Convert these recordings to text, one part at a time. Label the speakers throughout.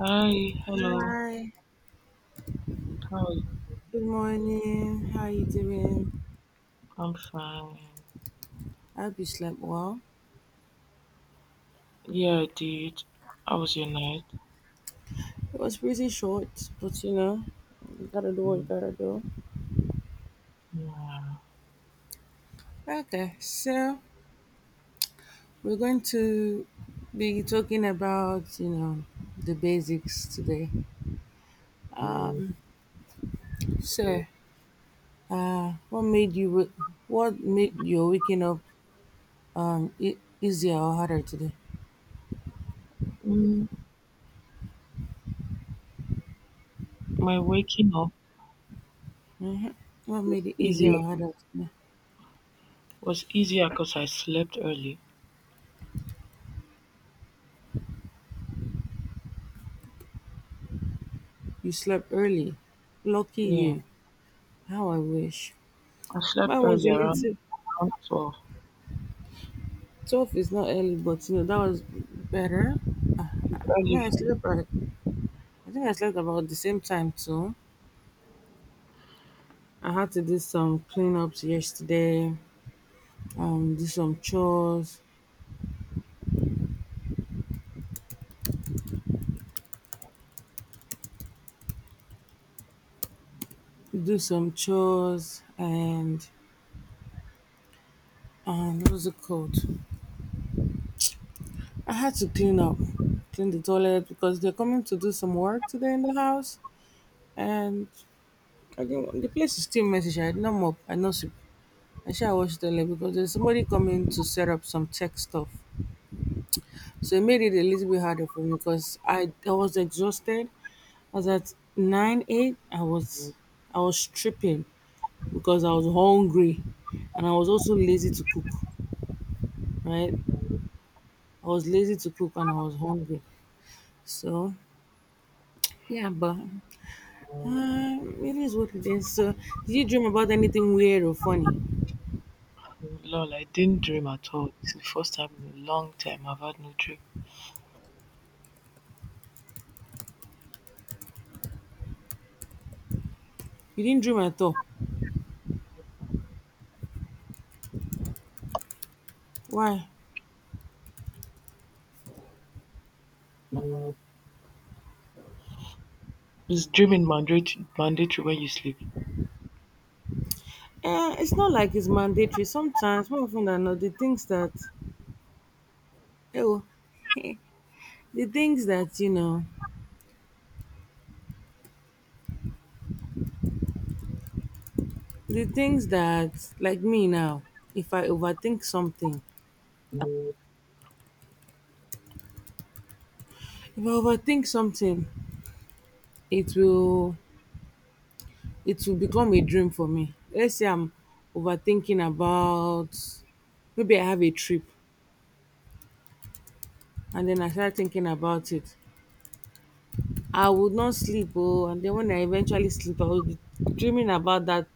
Speaker 1: Hi, hello.
Speaker 2: Hi,
Speaker 1: How are you?
Speaker 2: good morning. How you doing?
Speaker 1: I'm fine.
Speaker 2: I hope you slept well.
Speaker 1: Yeah, I did. How was your night?
Speaker 2: It was pretty short, but you know, you gotta do what you gotta do.
Speaker 1: Yeah.
Speaker 2: Okay, so we're going to be talking about, you know, the basics today. So, what made you, what made your waking up easier or harder today?
Speaker 1: Mm, my waking up
Speaker 2: What
Speaker 1: was
Speaker 2: made it easier
Speaker 1: easier.
Speaker 2: or harder today?
Speaker 1: Was easier because I slept early.
Speaker 2: You slept early. Lucky
Speaker 1: Yeah,
Speaker 2: you. How I wish.
Speaker 1: I slept
Speaker 2: Mine was
Speaker 1: early
Speaker 2: a
Speaker 1: around
Speaker 2: little.
Speaker 1: 12.
Speaker 2: 12 is not early, but you know, that was better.
Speaker 1: It's
Speaker 2: I mean,
Speaker 1: early
Speaker 2: I
Speaker 1: for me.
Speaker 2: slept, like, I think I slept about the same time too. I had to do some cleanups yesterday, do some chores, and what was it called? I had to clean up, clean the toilet because they're coming to do some work today in the house. And I didn't, the place is still messy. Sha. I did not mop, I no sweep. I should wash the toilet because there's somebody coming to set up some tech stuff. So it made it a little bit harder for me because I was exhausted. I was at 98. I was tripping because I was hungry, and I was also lazy to cook. Right, I was lazy to cook and I was hungry. So yeah, but it is what it is. So did you dream about anything weird or funny?
Speaker 1: Lol, I didn't dream at all. It's the first time in a long time I've had no
Speaker 2: You didn't dream at all. Why?
Speaker 1: dream. Is dreaming mandatory when you sleep?
Speaker 2: Eh, it's not like it's mandatory. Sometimes, more often than not, the things that, oh, the things that you know, the things that, like me now, if I overthink something, if I overthink something, it will it will become a dream for me. Let's say I'm overthinking about maybe I have a trip and then I start thinking about it. I would not sleep, oh, and then when I eventually sleep, I will be dreaming about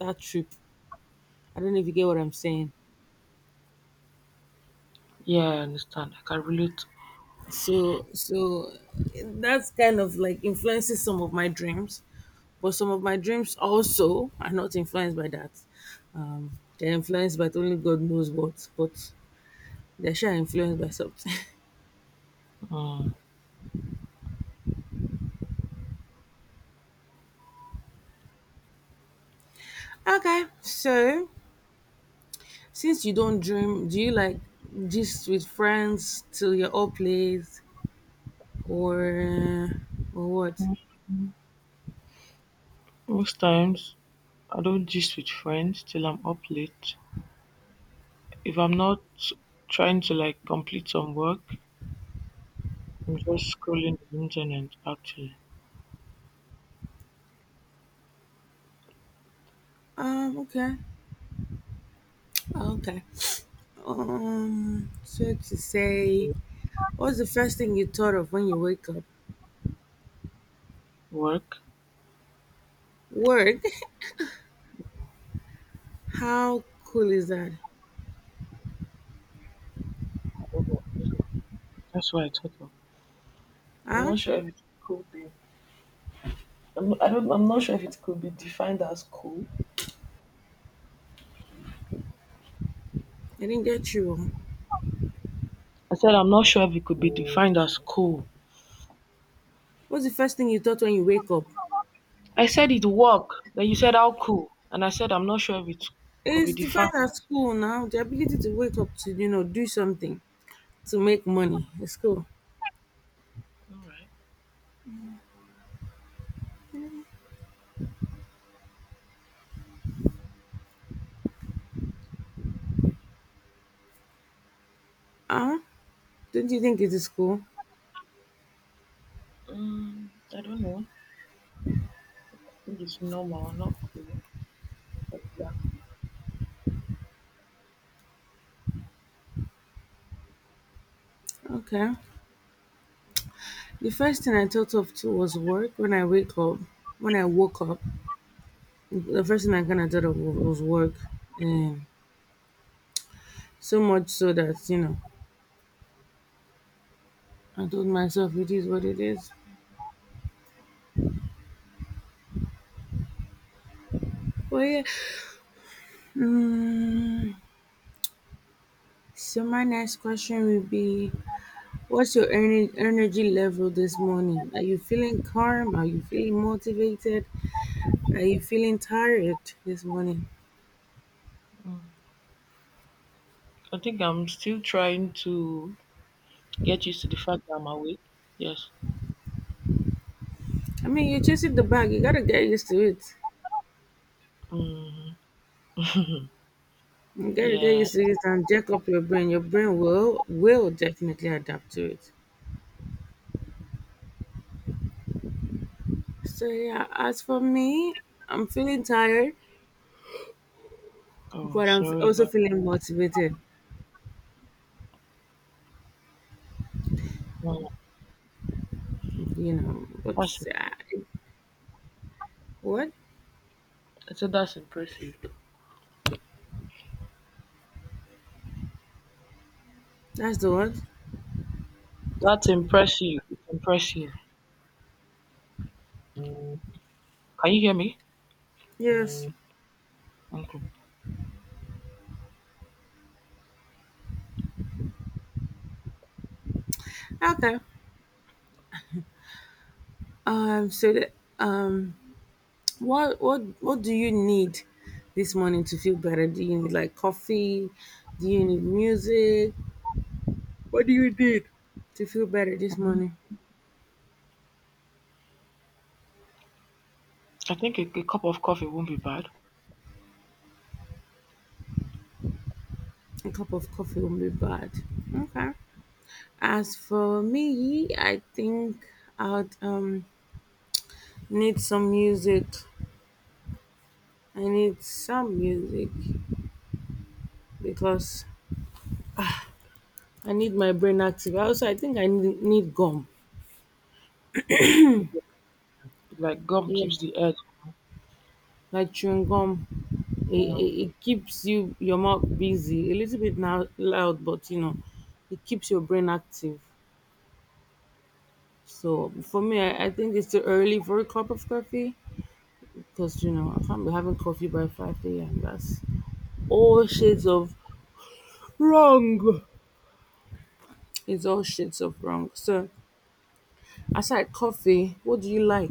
Speaker 2: that trip. I don't know if you get what I'm saying.
Speaker 1: Yeah, I understand. I can relate.
Speaker 2: So that's kind of like influences some of my dreams, but some of my dreams also are not influenced by that. Um, they're influenced by only God knows what, but they're sure influenced by something.
Speaker 1: Mm.
Speaker 2: Okay, so since you don't dream, do you like just with friends till you're up late, or or what?
Speaker 1: Most times I don't gist with friends till I'm up late. If I'm not trying to complete some work, I'm just scrolling the internet actually.
Speaker 2: Okay, okay. So to say, what's the first thing you thought of when you wake up?
Speaker 1: Work?
Speaker 2: Word? How cool is that?
Speaker 1: I don't know. That's what I thought of. I'm
Speaker 2: Huh?
Speaker 1: not sure if it could be. I'm, I don't. I'm not sure if it could be defined as cool.
Speaker 2: I didn't get you.
Speaker 1: I said I'm not sure if it could be defined as cool.
Speaker 2: What's the first thing you thought when you wake up?
Speaker 1: I said it work. Then you said how cool. And I said I'm not sure if it could be
Speaker 2: It's
Speaker 1: defined.
Speaker 2: defined at school now. The ability to wake up to, you know, do something to make money. It's cool.
Speaker 1: Alright.
Speaker 2: Huh? Don't you think it is cool?
Speaker 1: Mm, I don't know. I think it's normal, not cool. Exactly.
Speaker 2: Okay. The first thing I thought of too was work. When I wake up, when I woke up, the first thing I kind of thought of was work. And so much so that, you know, I told myself it is what it is. But yeah. Mm, So my next question will be, what's your energy level this morning? Are you feeling calm? Are you feeling motivated? Are you feeling tired this morning?
Speaker 1: I think I'm still trying to get used to the fact that I'm awake. Yes.
Speaker 2: I mean, you're chasing the bag. You gotta get used to it.
Speaker 1: Mm,
Speaker 2: You gotta get
Speaker 1: yeah.
Speaker 2: used to it and jack up your brain. Your brain will definitely adapt to it. So yeah, as for me, I'm feeling tired,
Speaker 1: Oh,
Speaker 2: but I'm
Speaker 1: sorry
Speaker 2: also
Speaker 1: about
Speaker 2: feeling motivated.
Speaker 1: that.
Speaker 2: You know,
Speaker 1: That's
Speaker 2: but uh,
Speaker 1: impressive.
Speaker 2: what?
Speaker 1: I said that's impressive.
Speaker 2: That's the one.
Speaker 1: That's impressive. It's impressive. Mm. Can you hear me?
Speaker 2: Yes.
Speaker 1: Mm. Okay.
Speaker 2: Okay. So that, um, what do you need this morning to feel better? Do you need like coffee? Do you need music? What do you need to feel better this
Speaker 1: Mhm.
Speaker 2: morning?
Speaker 1: I think a cup of coffee won't be bad.
Speaker 2: A cup of coffee won't be bad. Okay. As for me, I think I'd need some music. I need some music because I need my brain active. Also, I think I need gum.
Speaker 1: It's like gum
Speaker 2: Yeah,
Speaker 1: keeps the edge.
Speaker 2: like chewing gum. It,
Speaker 1: Mm.
Speaker 2: it, it keeps you your mouth busy a little bit now loud, but you know, it keeps your brain active. So for me, I think it's too early for a cup of coffee because you know I can't be having coffee by 5 a.m. That's all shades of wrong. It's all shades of wrong. So aside coffee, what do you like?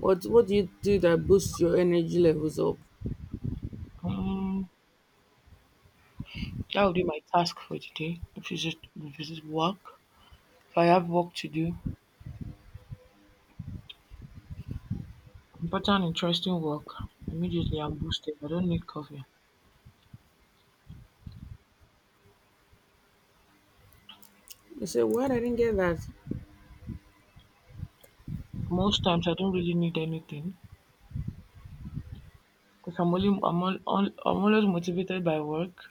Speaker 2: What do you do that boosts your energy levels up?
Speaker 1: Mm. That will be my task for today. If it's just work, if I have work to do, important interesting work, immediately I'm boosted. I don't need coffee.
Speaker 2: You say what? I didn't get that.
Speaker 1: Most times I don't really need anything because I'm only I'm, all, I'm always motivated by work,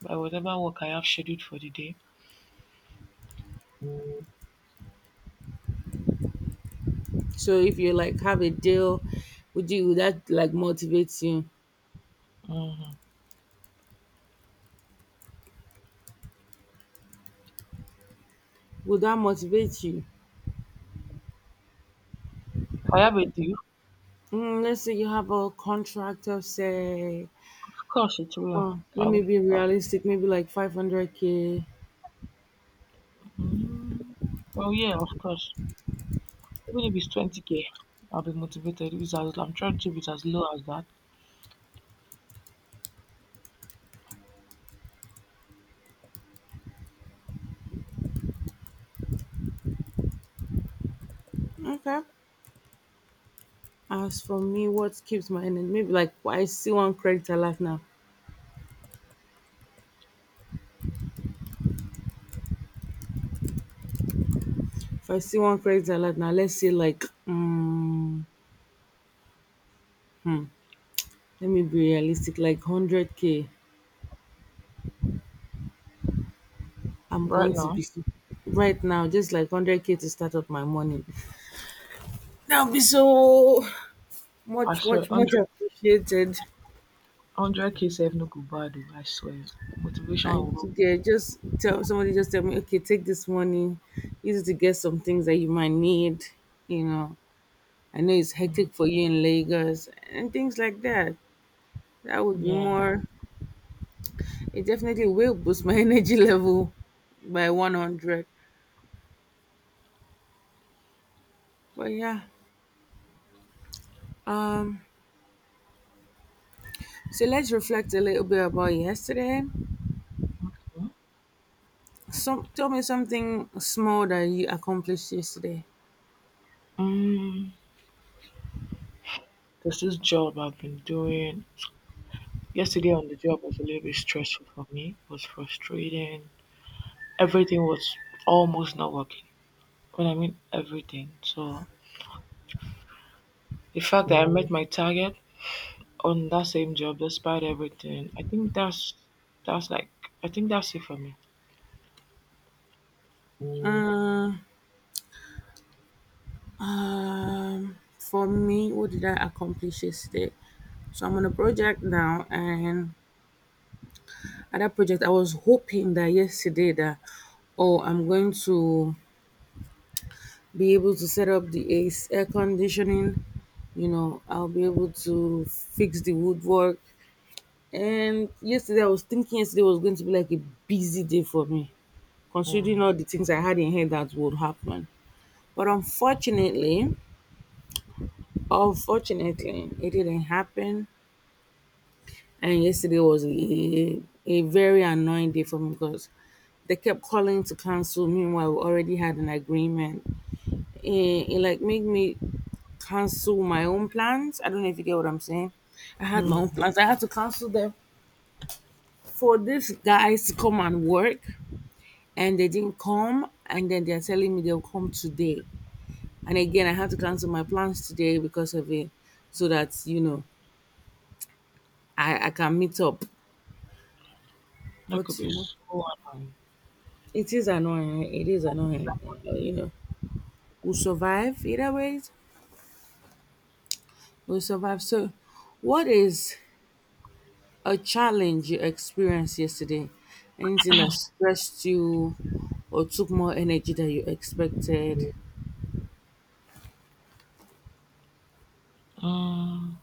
Speaker 1: by whatever work I have scheduled for the day.
Speaker 2: So if you like have a deal, would that like motivate you?
Speaker 1: Hmm.
Speaker 2: Will that motivate you?
Speaker 1: If I have a deal,
Speaker 2: Mm, let's say you have a contract of say,
Speaker 1: of course it will.
Speaker 2: let
Speaker 1: I
Speaker 2: me
Speaker 1: will.
Speaker 2: be
Speaker 1: I-
Speaker 2: realistic, maybe like 500K.
Speaker 1: mm, yeah, of course. Even if it's 20k, I'll be motivated. If it's as, I'm trying to keep it as low as that.
Speaker 2: Okay. As for me, what keeps my energy? Maybe like I see one credit alert now. If I see one credit alert now, let's say like, hmm, let me be realistic, like 100K. I'm
Speaker 1: Right
Speaker 2: going to
Speaker 1: now,
Speaker 2: be so, right now, just like 100K to start up my morning. That'll be so
Speaker 1: I
Speaker 2: much,
Speaker 1: swear,
Speaker 2: much, much appreciated.
Speaker 1: 100k save no go bad, oh, I swear. Motivation
Speaker 2: And
Speaker 1: will.
Speaker 2: yeah, just tell somebody, just tell me, okay, take this money, use it to get some things that you might need. You know, I know it's
Speaker 1: Mm,
Speaker 2: hectic for you in Lagos and things like that. That would be
Speaker 1: yeah.
Speaker 2: more. It definitely will boost my energy level by 100. But yeah, um. So let's reflect a little bit about yesterday. Some tell me something small that you accomplished yesterday.
Speaker 1: Mm. There's this job I've been doing. Yesterday on the job was a little bit stressful for me. It was frustrating. Everything was almost not working. When I mean everything. So the fact that I met my target on that same job despite everything, that's like I think that's it for me. Mm.
Speaker 2: Uh. For me, what did I accomplish yesterday? So I'm on a project now, and at that project, I was hoping that yesterday that, oh, I'm going to be able to set up the ace air conditioning. You know, I'll be able to fix the woodwork. And yesterday, I was thinking yesterday was going to be like a busy day for me, considering
Speaker 1: Mm.
Speaker 2: all the things I had in head that would happen. But unfortunately, it didn't happen. And yesterday was a very annoying day for me because they kept calling to cancel. Meanwhile, we already had an agreement. It like made me cancel my own plans. I don't know if you get what I'm saying. I had my own
Speaker 1: Mm.
Speaker 2: plans. I had to cancel them for these guys to come and work, and they didn't come. And then they're telling me they'll come today. And again, I had to cancel my plans today because of it, so that you know I can meet up.
Speaker 1: That
Speaker 2: But
Speaker 1: could
Speaker 2: you
Speaker 1: be
Speaker 2: know.
Speaker 1: so annoying.
Speaker 2: It is annoying, right? It is annoying. You know, we'll survive either ways. We'll survive. So, what is a challenge you experienced yesterday? Anything that stressed you or took more energy than you expected?
Speaker 1: Mm,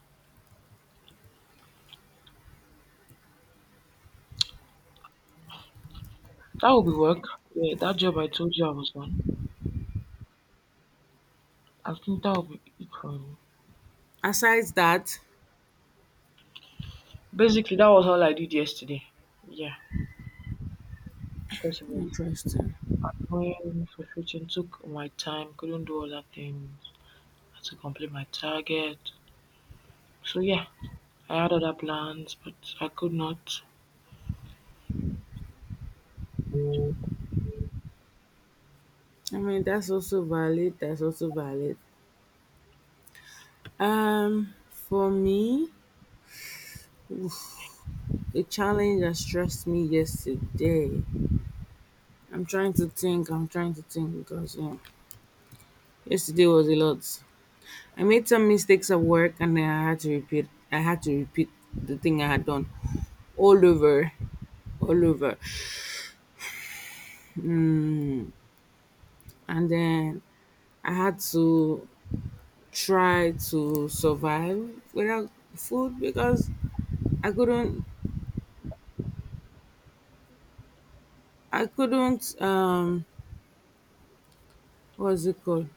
Speaker 1: that would be work. Yeah, that job I told you I was on. I think that would be it for me.
Speaker 2: Aside that,
Speaker 1: Basically, that was all I did yesterday. Yeah, because it was
Speaker 2: interesting.
Speaker 1: annoying, frustrating, took my time, couldn't do other things. Had to complete my target. So yeah, I had other plans, but I could not figure
Speaker 2: I mean, that's also valid. That's also valid. For me, the challenge that stressed me yesterday. I'm trying to think. I'm trying to think because you know, yesterday was a lot. I made some mistakes at work and I had to repeat the thing I had done all over all over, and then I had to try to survive without food because I couldn't I couldn't, what's it called?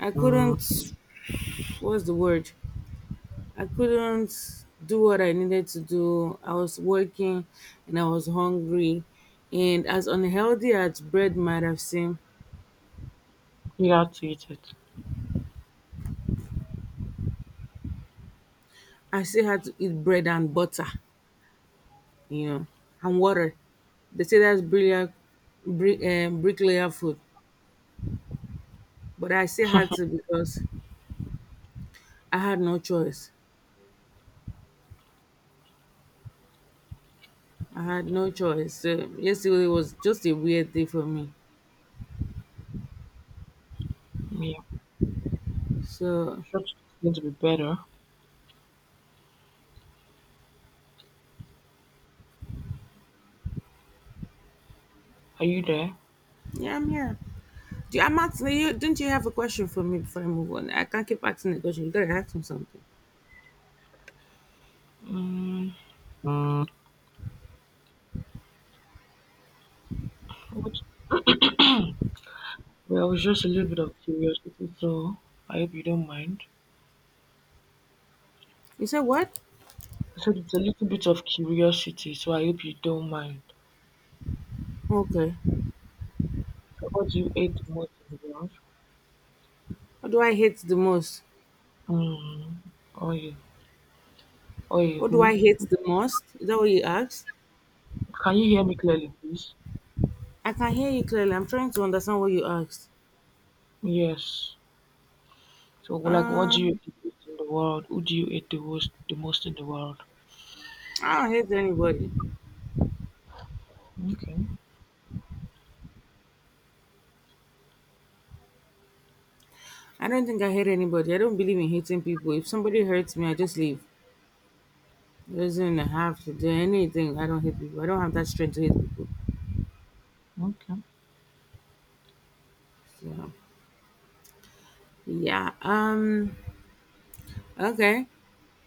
Speaker 2: I
Speaker 1: out
Speaker 2: couldn't, what's the word? I couldn't do what I needed to do. I was working and I was hungry, and as unhealthy as bread might have seemed,
Speaker 1: to eat it.
Speaker 2: I still had to eat bread and butter, you know, and water. They say that's brilliant, bricklayer food, but I still had to because I had no choice. I had no choice. So yesterday was just a weird day for me.
Speaker 1: Yeah,
Speaker 2: So
Speaker 1: sure it's going to be better. Are you there?
Speaker 2: yeah, I'm here. Do you, I'm asking you? Didn't you have a question for me before I move on? I can't keep asking the question. You gotta ask me something.
Speaker 1: Mm, which, well, it was just a little bit of curiosity, so I hope you don't mind.
Speaker 2: You said what?
Speaker 1: So it's a little bit of curiosity, so I hope you don't mind.
Speaker 2: Okay.
Speaker 1: So what do you hate the most in the world?
Speaker 2: What do I hate the most?
Speaker 1: Mm, Oye, oye,
Speaker 2: What do
Speaker 1: who?
Speaker 2: I hate the most? Is that what you asked?
Speaker 1: Can you hear me clearly, please?
Speaker 2: I can hear you clearly. I'm trying to understand what you asked.
Speaker 1: Yes. So, like, what do you
Speaker 2: Um,
Speaker 1: hate the most in the world? Who do you hate the most, in the world?
Speaker 2: I don't hate anybody.
Speaker 1: Okay,
Speaker 2: I don't think I hate anybody. I don't believe in hating people. If somebody hurts me, I just leave. It doesn't have to do anything. I don't hate people. I don't have that strength to hate people.
Speaker 1: okay.
Speaker 2: So yeah. Okay.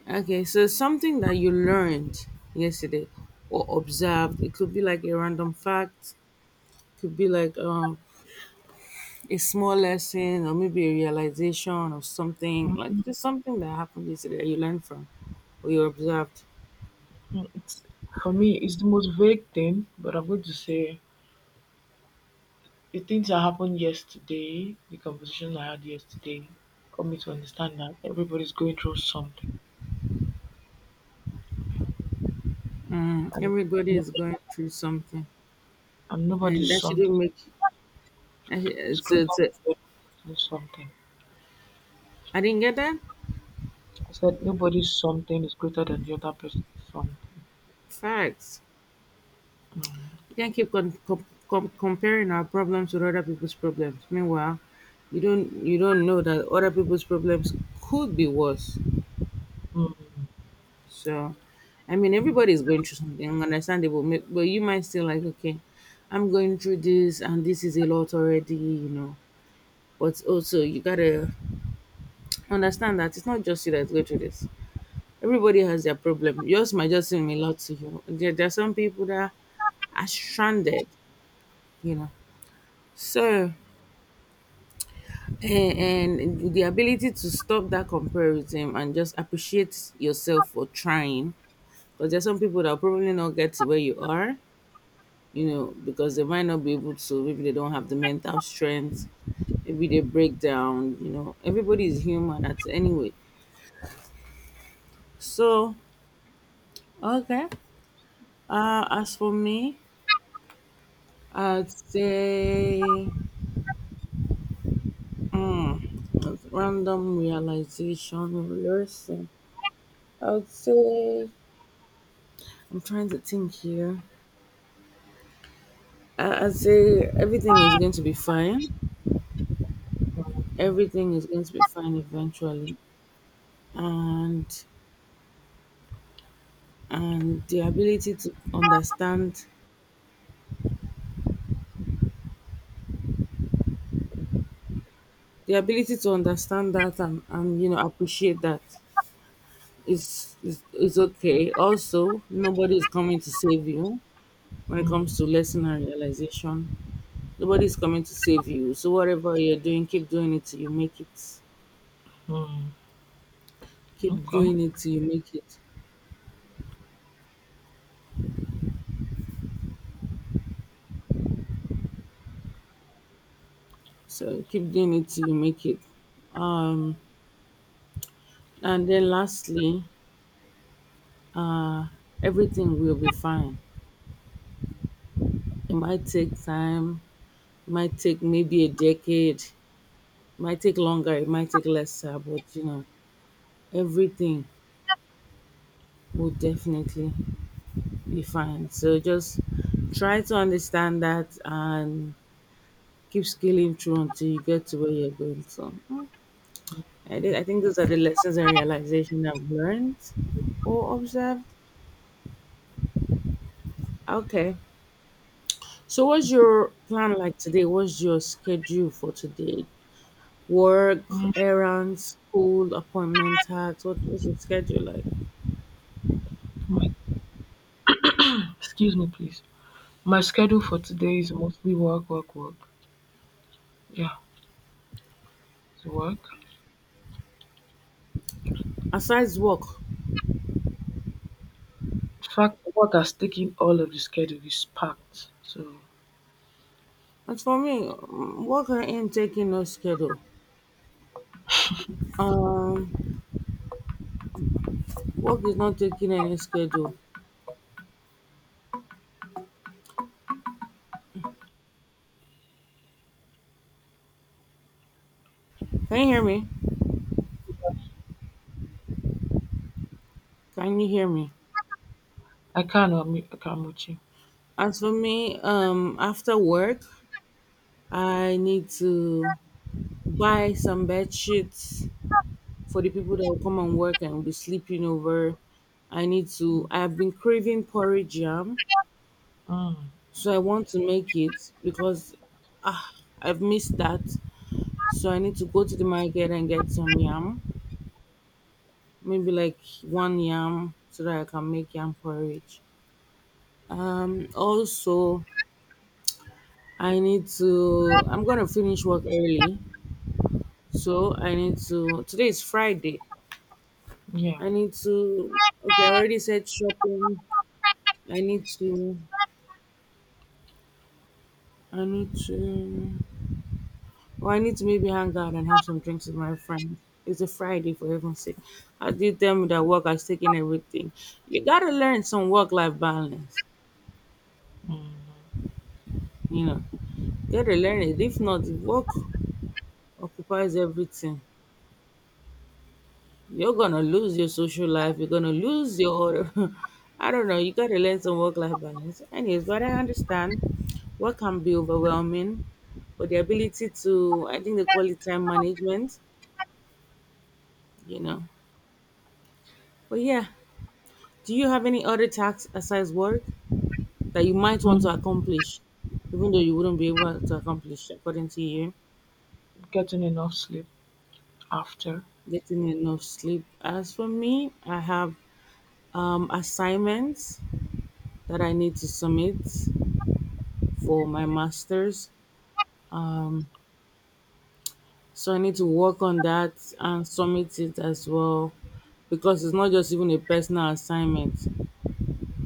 Speaker 2: Okay. So something that you learned yesterday or observed. It could be like a random fact. Could be like a small lesson or maybe a realization of something, like
Speaker 1: Mm,
Speaker 2: just something that happened yesterday that you learned from or you observed.
Speaker 1: it's, for me, it's the most vague thing, but I'm going to say the things that happened yesterday, the conversation I had yesterday, got me to understand that everybody's going through something,
Speaker 2: Mm,
Speaker 1: and
Speaker 2: everybody
Speaker 1: no-
Speaker 2: is going through something, and
Speaker 1: nobody's
Speaker 2: that
Speaker 1: something
Speaker 2: shouldn't make. I-
Speaker 1: is
Speaker 2: It's,
Speaker 1: greater
Speaker 2: it's,
Speaker 1: than something.
Speaker 2: I didn't get that.
Speaker 1: I said nobody's something is greater than the other person's something.
Speaker 2: Facts. You can't keep comparing our problems with other people's problems. Meanwhile, you don't know that other people's problems could be worse.
Speaker 1: Mm,
Speaker 2: So, I mean, everybody is going through something understandable, but you might still like, okay, I'm going through this, and this is a lot already, you know. But also, you gotta understand that it's not just you that's going through this. Everybody has their problem. Yours might just seem a lot to you. There are some people that are stranded, you know. So, and the ability to stop that comparison and just appreciate yourself for trying. Because there's some people that will probably not get to where you are, you know, because they might not be able to. Maybe they don't have the mental strength. Maybe they break down, you know. Everybody is human. That's anyway. So, okay. As for me, I'd say mm, random realization lesson. I would say I'm trying to think here. I'd say everything is going to be fine. Everything is going to be fine eventually, and the ability to understand that and you know appreciate that is okay. Also, nobody is coming to save you when it
Speaker 1: mm,
Speaker 2: comes to lesson and realization. Nobody's coming to save you. So whatever you're doing, keep doing it till you make it.
Speaker 1: mm.
Speaker 2: Keep
Speaker 1: Okay.
Speaker 2: doing it till you make it. So keep doing it till you make it. Um, and then lastly, uh, everything will be fine. It might take time. It might take maybe a decade. It might take longer. It might take lesser. But you know, everything will definitely be fine. So just try to understand that and keep scaling through until you get to where you're going to. I think those are the lessons and realization I've learned or observed. Okay. So, what's your plan like today? What's your schedule for today? Work,
Speaker 1: Mm.
Speaker 2: errands, school, appointment, tasks. What's your schedule like?
Speaker 1: My, excuse me, please. My schedule for today is mostly work, work, work. Yeah, it's work.
Speaker 2: Aside work,
Speaker 1: In fact, work has taken all of the schedule. Is packed. So
Speaker 2: as for me, mm, work ain't taking no schedule. Um, Work is not taking any schedule. Can you hear me? Can you hear me?
Speaker 1: I can't. I'm with you.
Speaker 2: As for me, after work, I need to buy some bed sheets for the people that will come and work and will be sleeping over. I need to.
Speaker 1: Mm,
Speaker 2: I have been craving porridge yam,
Speaker 1: mm,
Speaker 2: so I want to make it because ah, I've missed that. So I need to go to the market and get some yam, maybe like one yam, so that I can make yam porridge. Also, I need to. I'm gonna finish work early, so I need to. Today is Friday.
Speaker 1: yeah.
Speaker 2: I need to. Okay, I already said shopping. I need to. I need to. Well, I need to maybe hang out and have some drinks with my friends. It's a Friday for heaven's sake. I did them that work. I taking everything. You gotta learn some work-life balance.
Speaker 1: Mm,
Speaker 2: You know, you gotta learn it. If not, the work occupies everything. You're gonna lose your social life. You're gonna lose your other. I don't know. You gotta learn some work-life balance. Anyways, but I understand work can be overwhelming, but the ability to, I think they call it time management you know. But yeah, do you have any other tasks aside work that you might want to
Speaker 1: mm.
Speaker 2: accomplish, even though you wouldn't be able to accomplish according to you?
Speaker 1: Getting enough sleep after.
Speaker 2: Getting enough sleep. As for me, I have assignments that I need to submit for my masters. Um, so I need to work on that and submit it as well because it's not just even a personal assignment,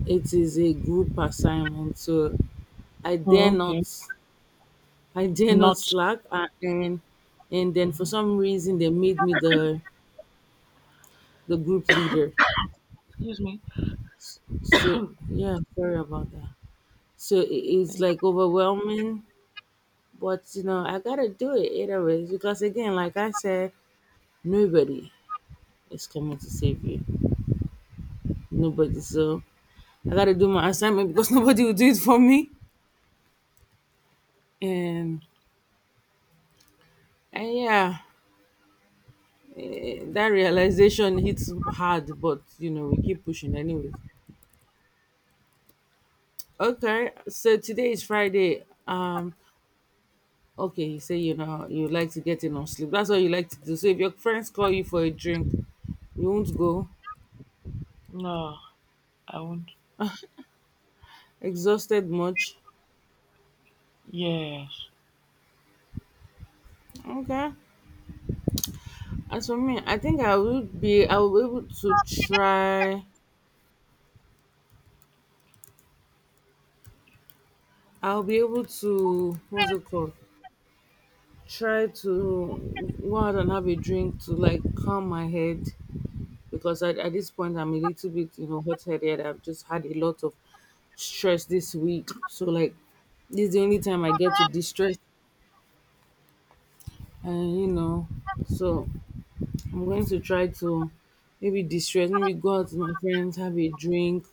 Speaker 2: it is a group assignment, so I dare
Speaker 1: Oh,
Speaker 2: not.
Speaker 1: okay.
Speaker 2: I dare not
Speaker 1: Not.
Speaker 2: slack, and then for some reason they made me the group leader.
Speaker 1: Excuse me.
Speaker 2: So yeah, sorry about that. So it- it's
Speaker 1: Thank.
Speaker 2: like overwhelming, but you know I gotta do it either ways because again, like I said, nobody is coming to save you. Nobody. So I gotta do my assignment because nobody will do it for me. And and yeah, eh, that realization hits hard, but you know we keep pushing anyways. Okay, so today is Friday. Okay, you say you know you like to get enough sleep. That's what you like to do. So if your friends call you for a drink, you won't go.
Speaker 1: No, I won't.
Speaker 2: Exhausted much.
Speaker 1: Yes.
Speaker 2: Okay. As for me, I think I will be able to try. I'll be able to, what's it called? Try to go out and have a drink to like calm my head because at this point I'm a little bit, you know, hot headed. I've just had a lot of stress this week. So like this is the only time I get to distress and you know, so I'm going to try to maybe distress, maybe go out with my friends, have a drink,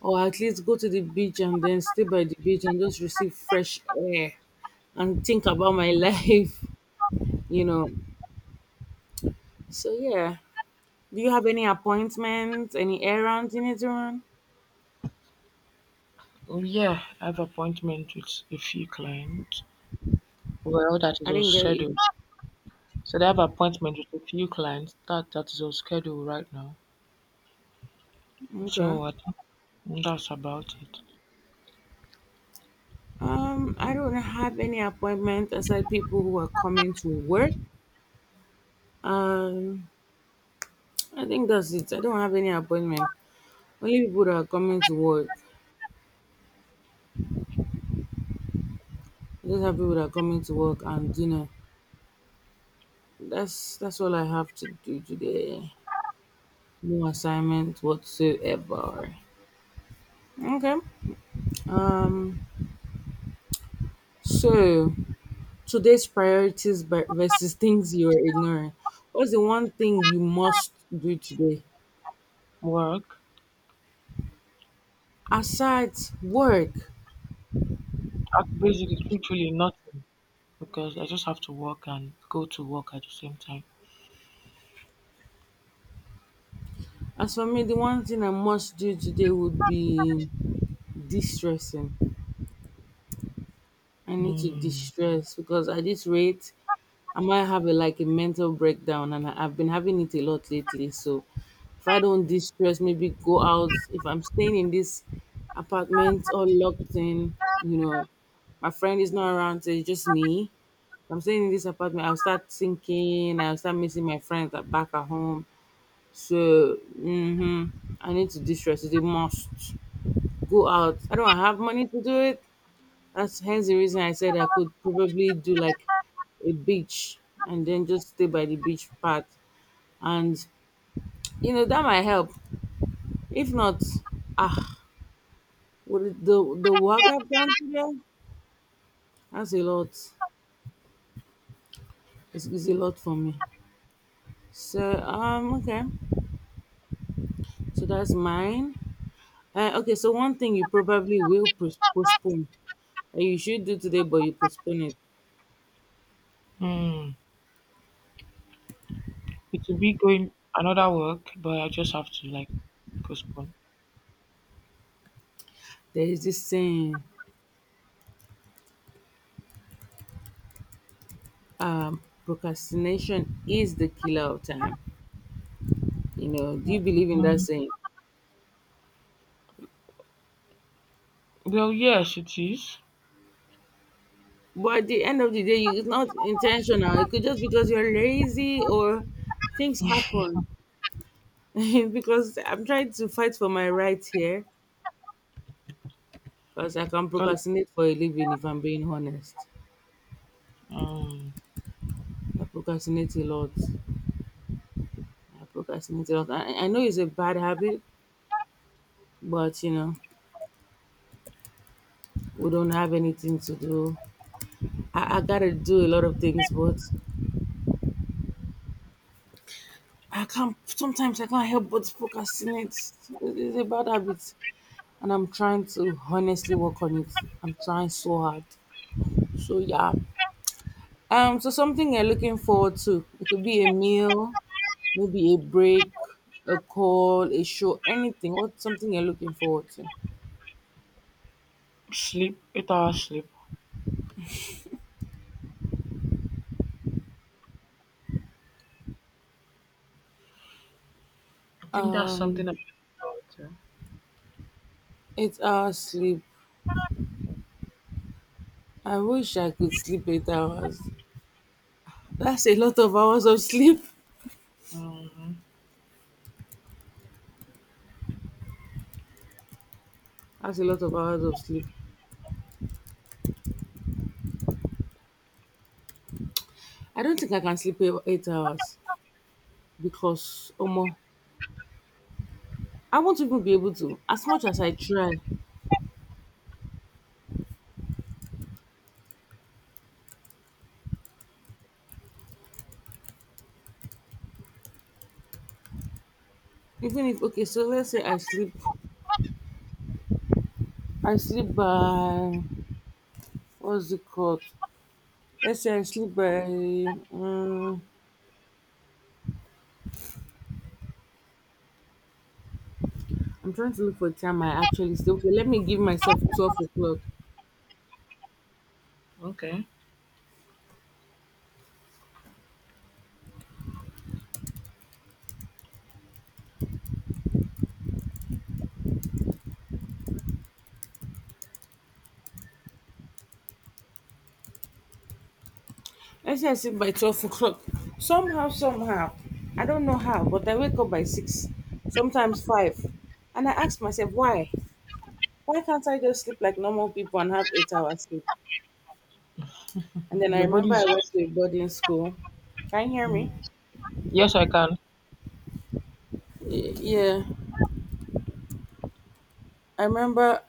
Speaker 2: or at least go to the beach and then stay by the beach and just receive fresh air and think about my life, you know. So yeah. Do you have any appointments, any errands you need to run?
Speaker 1: Oh, yeah, I have appointment with a few clients. Well, that is
Speaker 2: I
Speaker 1: on
Speaker 2: didn't get you.
Speaker 1: schedule. So I have appointment with a few clients. That that is on schedule right now.
Speaker 2: Okay.
Speaker 1: So I think that's about it.
Speaker 2: I don't have any appointment aside people who are coming to work. Um, I think that's it. I don't have any appointment. Only people that are coming to work. I just have people that are coming to work and dinner. That's all I have to do today. No assignment whatsoever. Okay. Um. So today's priorities versus things you are ignoring. What's the one thing you must do today
Speaker 1: Work.
Speaker 2: aside work?
Speaker 1: I basically, truthfully, nothing because I just have to work and go to work at the same time.
Speaker 2: As for me, the one thing I must do today would be distressing. I need to
Speaker 1: Hmm.
Speaker 2: distress because at this rate, I might have like a mental breakdown, and I've been having it a lot lately. So, if I don't distress, maybe go out. If I'm staying in this apartment all locked in, you know, my friend is not around, so it's just me. If I'm staying in this apartment, I'll start thinking, I'll start missing my friends back at home. So, mm-hmm, I need to distress. It's a must. Go out. I don't have money to do it. That's hence the reason I said I could probably do like a beach and then just stay by the beach part. And you know that might help. If not, ah, with the work I've done today, that's a lot. It's a lot for me. So okay, so that's mine. Okay, so one thing you probably will postpone that you should do today, but you postpone it.
Speaker 1: Hmm. It will be going another work, but I just have to like postpone.
Speaker 2: There is this saying. Procrastination is the killer of time. You know, do you believe in that
Speaker 1: Hmm.
Speaker 2: saying?
Speaker 1: Well, yes, it is.
Speaker 2: But at the end of the day, it's not intentional. It could just because you're lazy or things happen. Because I'm trying to fight for my right here because I can procrastinate for a living if I'm being honest.
Speaker 1: Um,
Speaker 2: I procrastinate a lot. I procrastinate a lot. I know it's a bad habit, but you know, we don't have anything to do. I gotta do a lot of things, but I can't. Sometimes I can't help but procrastinate. It's a bad habit, and I'm trying to honestly work on it. I'm trying so hard. So yeah. So something you're looking forward to? It could be a meal, maybe a break, a call, a show, anything. What's something you're looking forward to?
Speaker 1: sleep, 8 hours sleep. I think that's
Speaker 2: Um.
Speaker 1: something I should too.
Speaker 2: 8 hours sleep. I wish I could sleep 8 hours. That's a lot of hours of sleep.
Speaker 1: Mm,
Speaker 2: That's a lot of hours of sleep. I don't think I can sleep eight hours, because omo I won't even be able to. As much as I try, even if, okay, so let's say I sleep, I sleep by, what's it called, let's say I sleep by, um, I'm trying to look for a time I actually sleep. Okay, let me give myself 12 o'clock.
Speaker 1: okay.
Speaker 2: Let's say I sleep by 12 o'clock. Somehow, somehow I don't know how, but I wake up by 6, sometimes 5, and I ask myself why. Why can't I just sleep like normal people and have 8 hours sleep? And then I
Speaker 1: Your
Speaker 2: remember
Speaker 1: body's.
Speaker 2: I went to a boarding school. Can you hear
Speaker 1: Mm.
Speaker 2: me?
Speaker 1: Yes, I can.
Speaker 2: Yeah. I remember,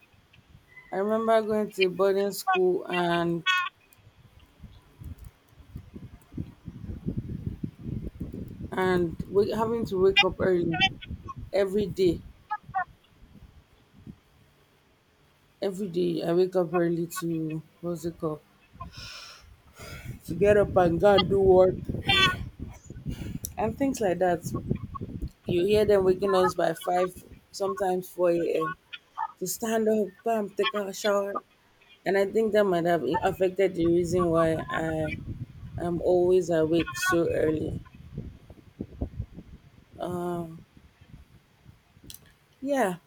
Speaker 2: I remember going to a boarding school and having to wake up early every day. Every day I wake up early to, what's it called? To get up and go and do work and things like that. You hear them waking us by five, sometimes 4 AM, to stand up, bam, take a shower. And I think that might have affected the reason why I am always awake so early. Yeah.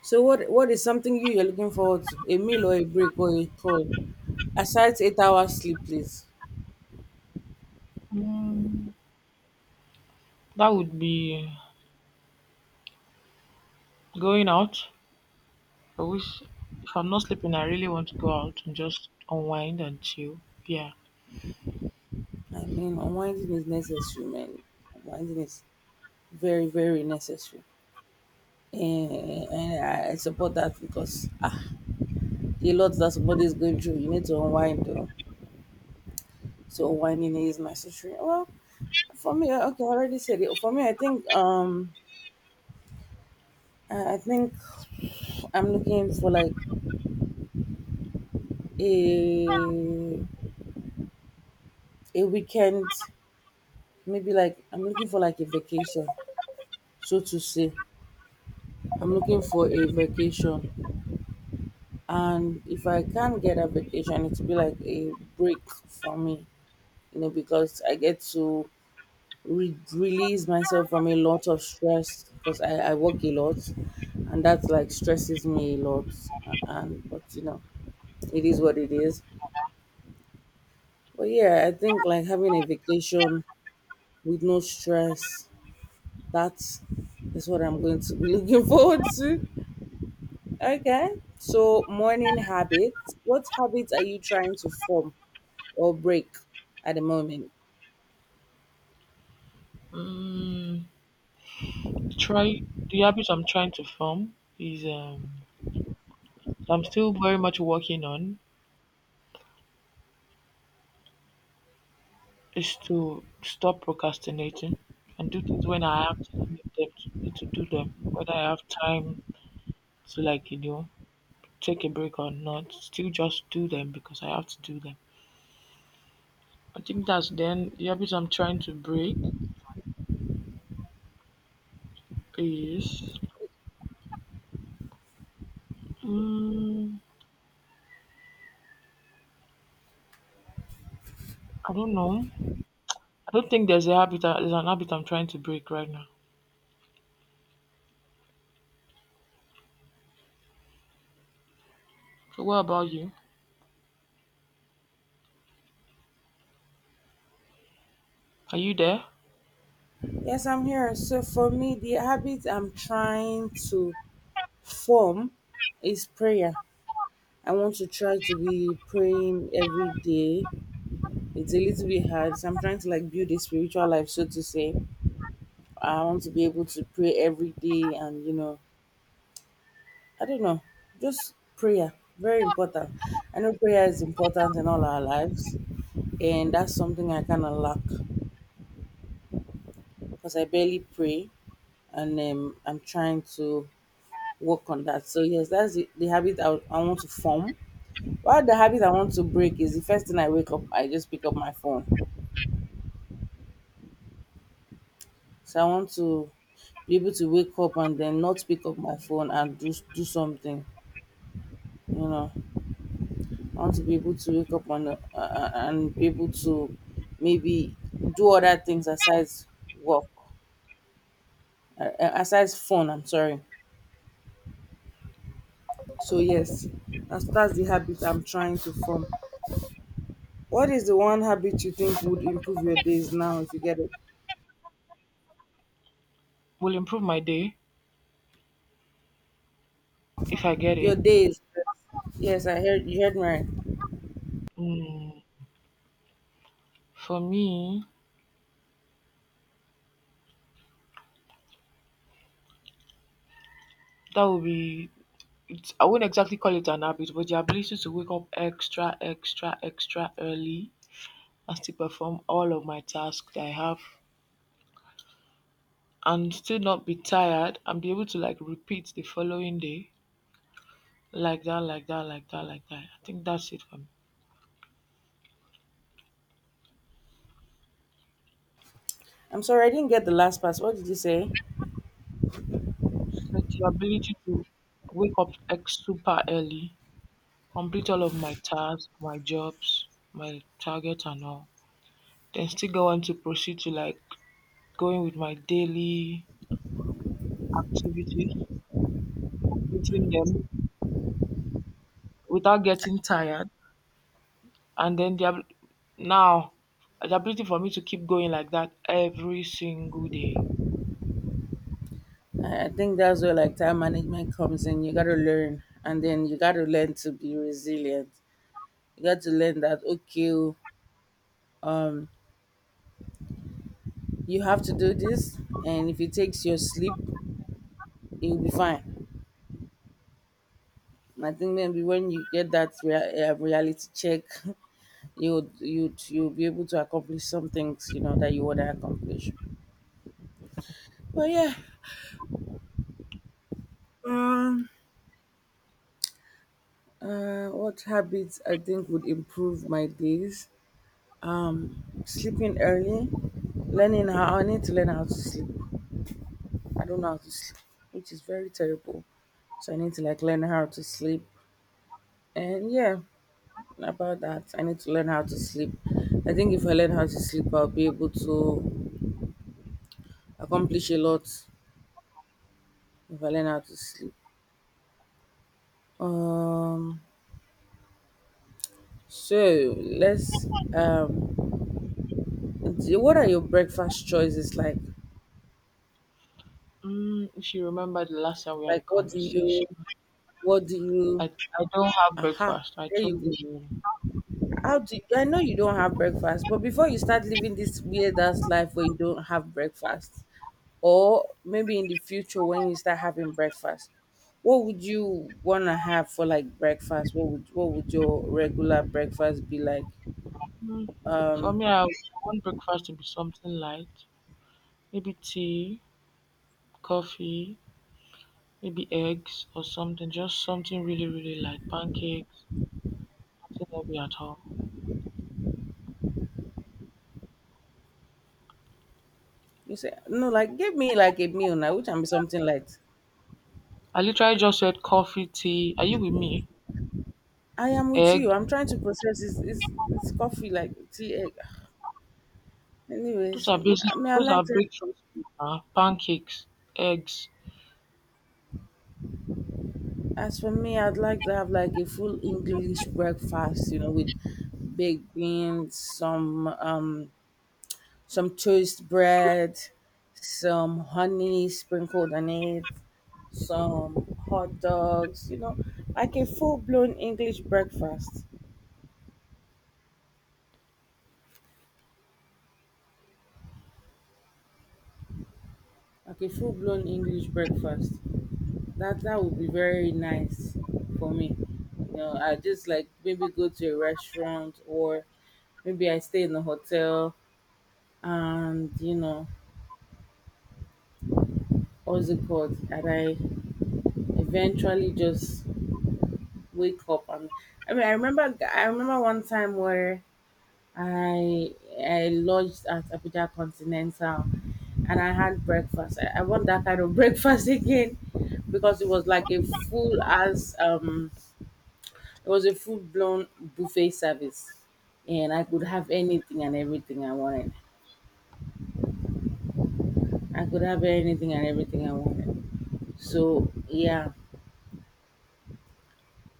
Speaker 2: So what is something you you're looking forward to? A meal or a break or a call? Aside 8 hours sleep, please.
Speaker 1: Mm, that would be going out. I wish if I'm not sleeping, I really want to go out and just unwind and chill. Yeah.
Speaker 2: I mean, unwinding is necessary, man. Unwinding is very, very necessary. And, and I support that because ah, the lot that somebody is going through, you need to unwind. Though. So unwinding is necessary. Well, for me, okay, I already said it. For me, I think I think I'm looking for like a a weekend, maybe like I'm looking for like a vacation, so to say. I'm looking for a vacation, and if I can't get a vacation, it'll be like a break for me, because I get to release myself from a lot of stress because I work a lot, and that like stresses me a lot. And but it is what it is. But yeah, I think like having a vacation with no stress, that's that's what I'm going to be looking forward to. Okay. So, morning habits. What habits are you trying to form or break at the moment?
Speaker 1: Mm, try the habit I'm trying to form is I'm still very much working on is to stop procrastinating and do things when I actually need them to, need to do them. When I have time to take a break or not, still just do them because I have to do them. I think that's then the habit I'm trying to break is mm, I don't know. I don't think there's there's an habit I'm trying to break right now. So what about you? Are you there?
Speaker 2: Yes, I'm here. So, for me, the habit I'm trying to form is prayer. I want to try to be praying every day. It's a little bit hard. So, I'm trying to like build a spiritual life, so to say. I want to be able to pray every day and, I don't know, just prayer. Very important. I know prayer is important in all our lives, and that's something I kind of lack because I barely pray and I'm trying to work on that. So, yes, that's the habit I want to form. While the habit I want to break is, the first thing I wake up, I just pick up my phone. So, I want to be able to wake up and then not pick up my phone and do something. You know, I want to be able to wake up on the, and be able to maybe do other things aside work, aside phone. I'm sorry. So yes, that's the habit I'm trying to form. What is the one habit you think would improve your days now if you get it?
Speaker 1: Will improve my day if I get
Speaker 2: Your
Speaker 1: it.
Speaker 2: days. Yes, I heard you, heard me. Right.
Speaker 1: Mm, for me, that would be it's, I wouldn't exactly call it an habit, but the ability to wake up extra early and still perform all of my tasks that I have and still not be tired and be able to repeat the following day like that. I think that's it for me.
Speaker 2: I'm sorry, I didn't get the last part. What did you say?
Speaker 1: So the ability to wake up like super early, complete all of my tasks, my jobs, my targets and all, then still go on to proceed to like going with my daily activities, completing them without getting tired. And then the abil- now the ability for me to keep going like that every single day.
Speaker 2: I think that's where like time management comes in. You gotta learn, and then you gotta learn to be resilient. You got to learn that, okay, oh, um, you have to do this, and if it takes your sleep, you'll be fine. And I think maybe when you get that reality check, you'd you'd you'll be able to accomplish some things you know that you want to accomplish. But yeah, um what habits I think would improve my days, sleeping early, learning how, I need to learn how to sleep. I don't know how to sleep, which is very terrible. So I need to like learn how to sleep. And yeah, about that, I need to learn how to sleep. I think if I learn how to sleep, I'll be able to accomplish a lot if I learn how to sleep. um So let's, um what are your breakfast choices like?
Speaker 1: If you remember the last time we had a
Speaker 2: Like what do you,
Speaker 1: conversation,
Speaker 2: what do
Speaker 1: I,
Speaker 2: you
Speaker 1: I don't have
Speaker 2: aha,
Speaker 1: breakfast. I
Speaker 2: there you
Speaker 1: told
Speaker 2: go.
Speaker 1: you.
Speaker 2: How do you, I know you don't have breakfast, but before you start living this weird ass life where you don't have breakfast, or maybe in the future when you start having breakfast, what would you wanna have for like breakfast? What would your regular breakfast be like?
Speaker 1: Mm, for me, I want breakfast to be something light. Maybe tea, coffee, maybe eggs or something. Just something really, really light. Pancakes, nothing heavy at all.
Speaker 2: You say no, like give me like a meal now, which can be something light.
Speaker 1: I literally just said coffee, tea. Are you with me?
Speaker 2: I am with you.
Speaker 1: Egg.
Speaker 2: I'm trying to process this. It's coffee like tea, egg.
Speaker 1: Those
Speaker 2: Anyways,
Speaker 1: are basic.
Speaker 2: I mean, I
Speaker 1: Those
Speaker 2: like
Speaker 1: are
Speaker 2: to.
Speaker 1: breakfast. Pancakes, eggs.
Speaker 2: As for me, I'd like to have like a full English breakfast. You know, with baked beans, some toast bread, some honey sprinkled on it, some hot dogs. You know, like a full blown English breakfast. Like a full blown English breakfast. That would be very nice for me. You know, I just like maybe go to a restaurant or maybe I stay in a hotel and you know, what's it called? And I eventually just wake up and, I mean, I remember one time where I I lodged at Abuja Continental and I had breakfast. I want that kind of breakfast again because it was like a full as it was a full blown buffet service, and I could have anything and everything I wanted. I could have anything and everything I wanted. So yeah,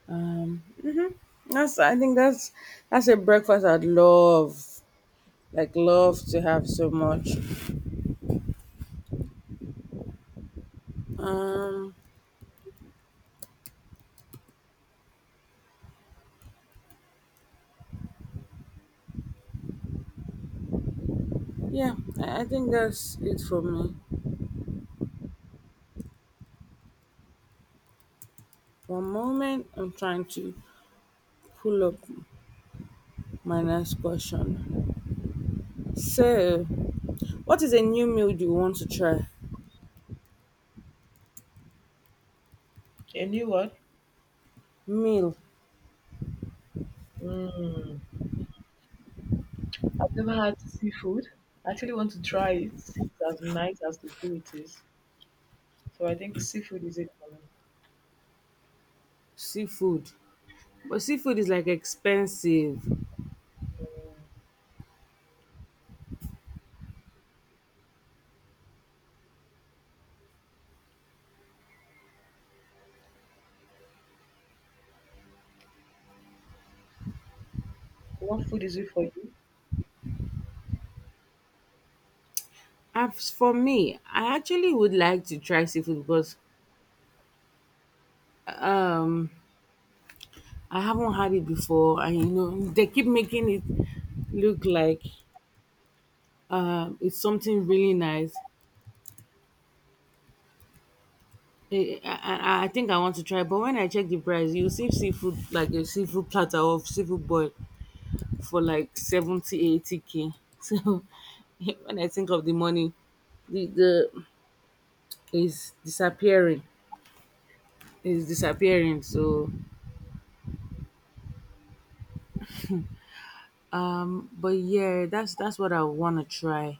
Speaker 2: um, that's, I think that's a breakfast I'd love, like love to have so much. Um, yeah, I think that's it for me. One moment, I'm trying to pull up my next question. So, what is a new meal you want to try?
Speaker 1: And you what?
Speaker 2: Meal,
Speaker 1: Mm. I've never had seafood. I actually want to try it, see if it's as nice as they say it is. So I think seafood is it for me.
Speaker 2: seafood. But seafood is like expensive.
Speaker 1: What food is it for you?
Speaker 2: As for me, I actually would like to try seafood because I haven't had it before, and you know they keep making it look like it's something really nice. I think I want to try, but when I check the price, you see seafood like a seafood platter of seafood boil for like 70, 80 k. So when I think of the money, the is disappearing, is disappearing. So but yeah, that's what I want to try.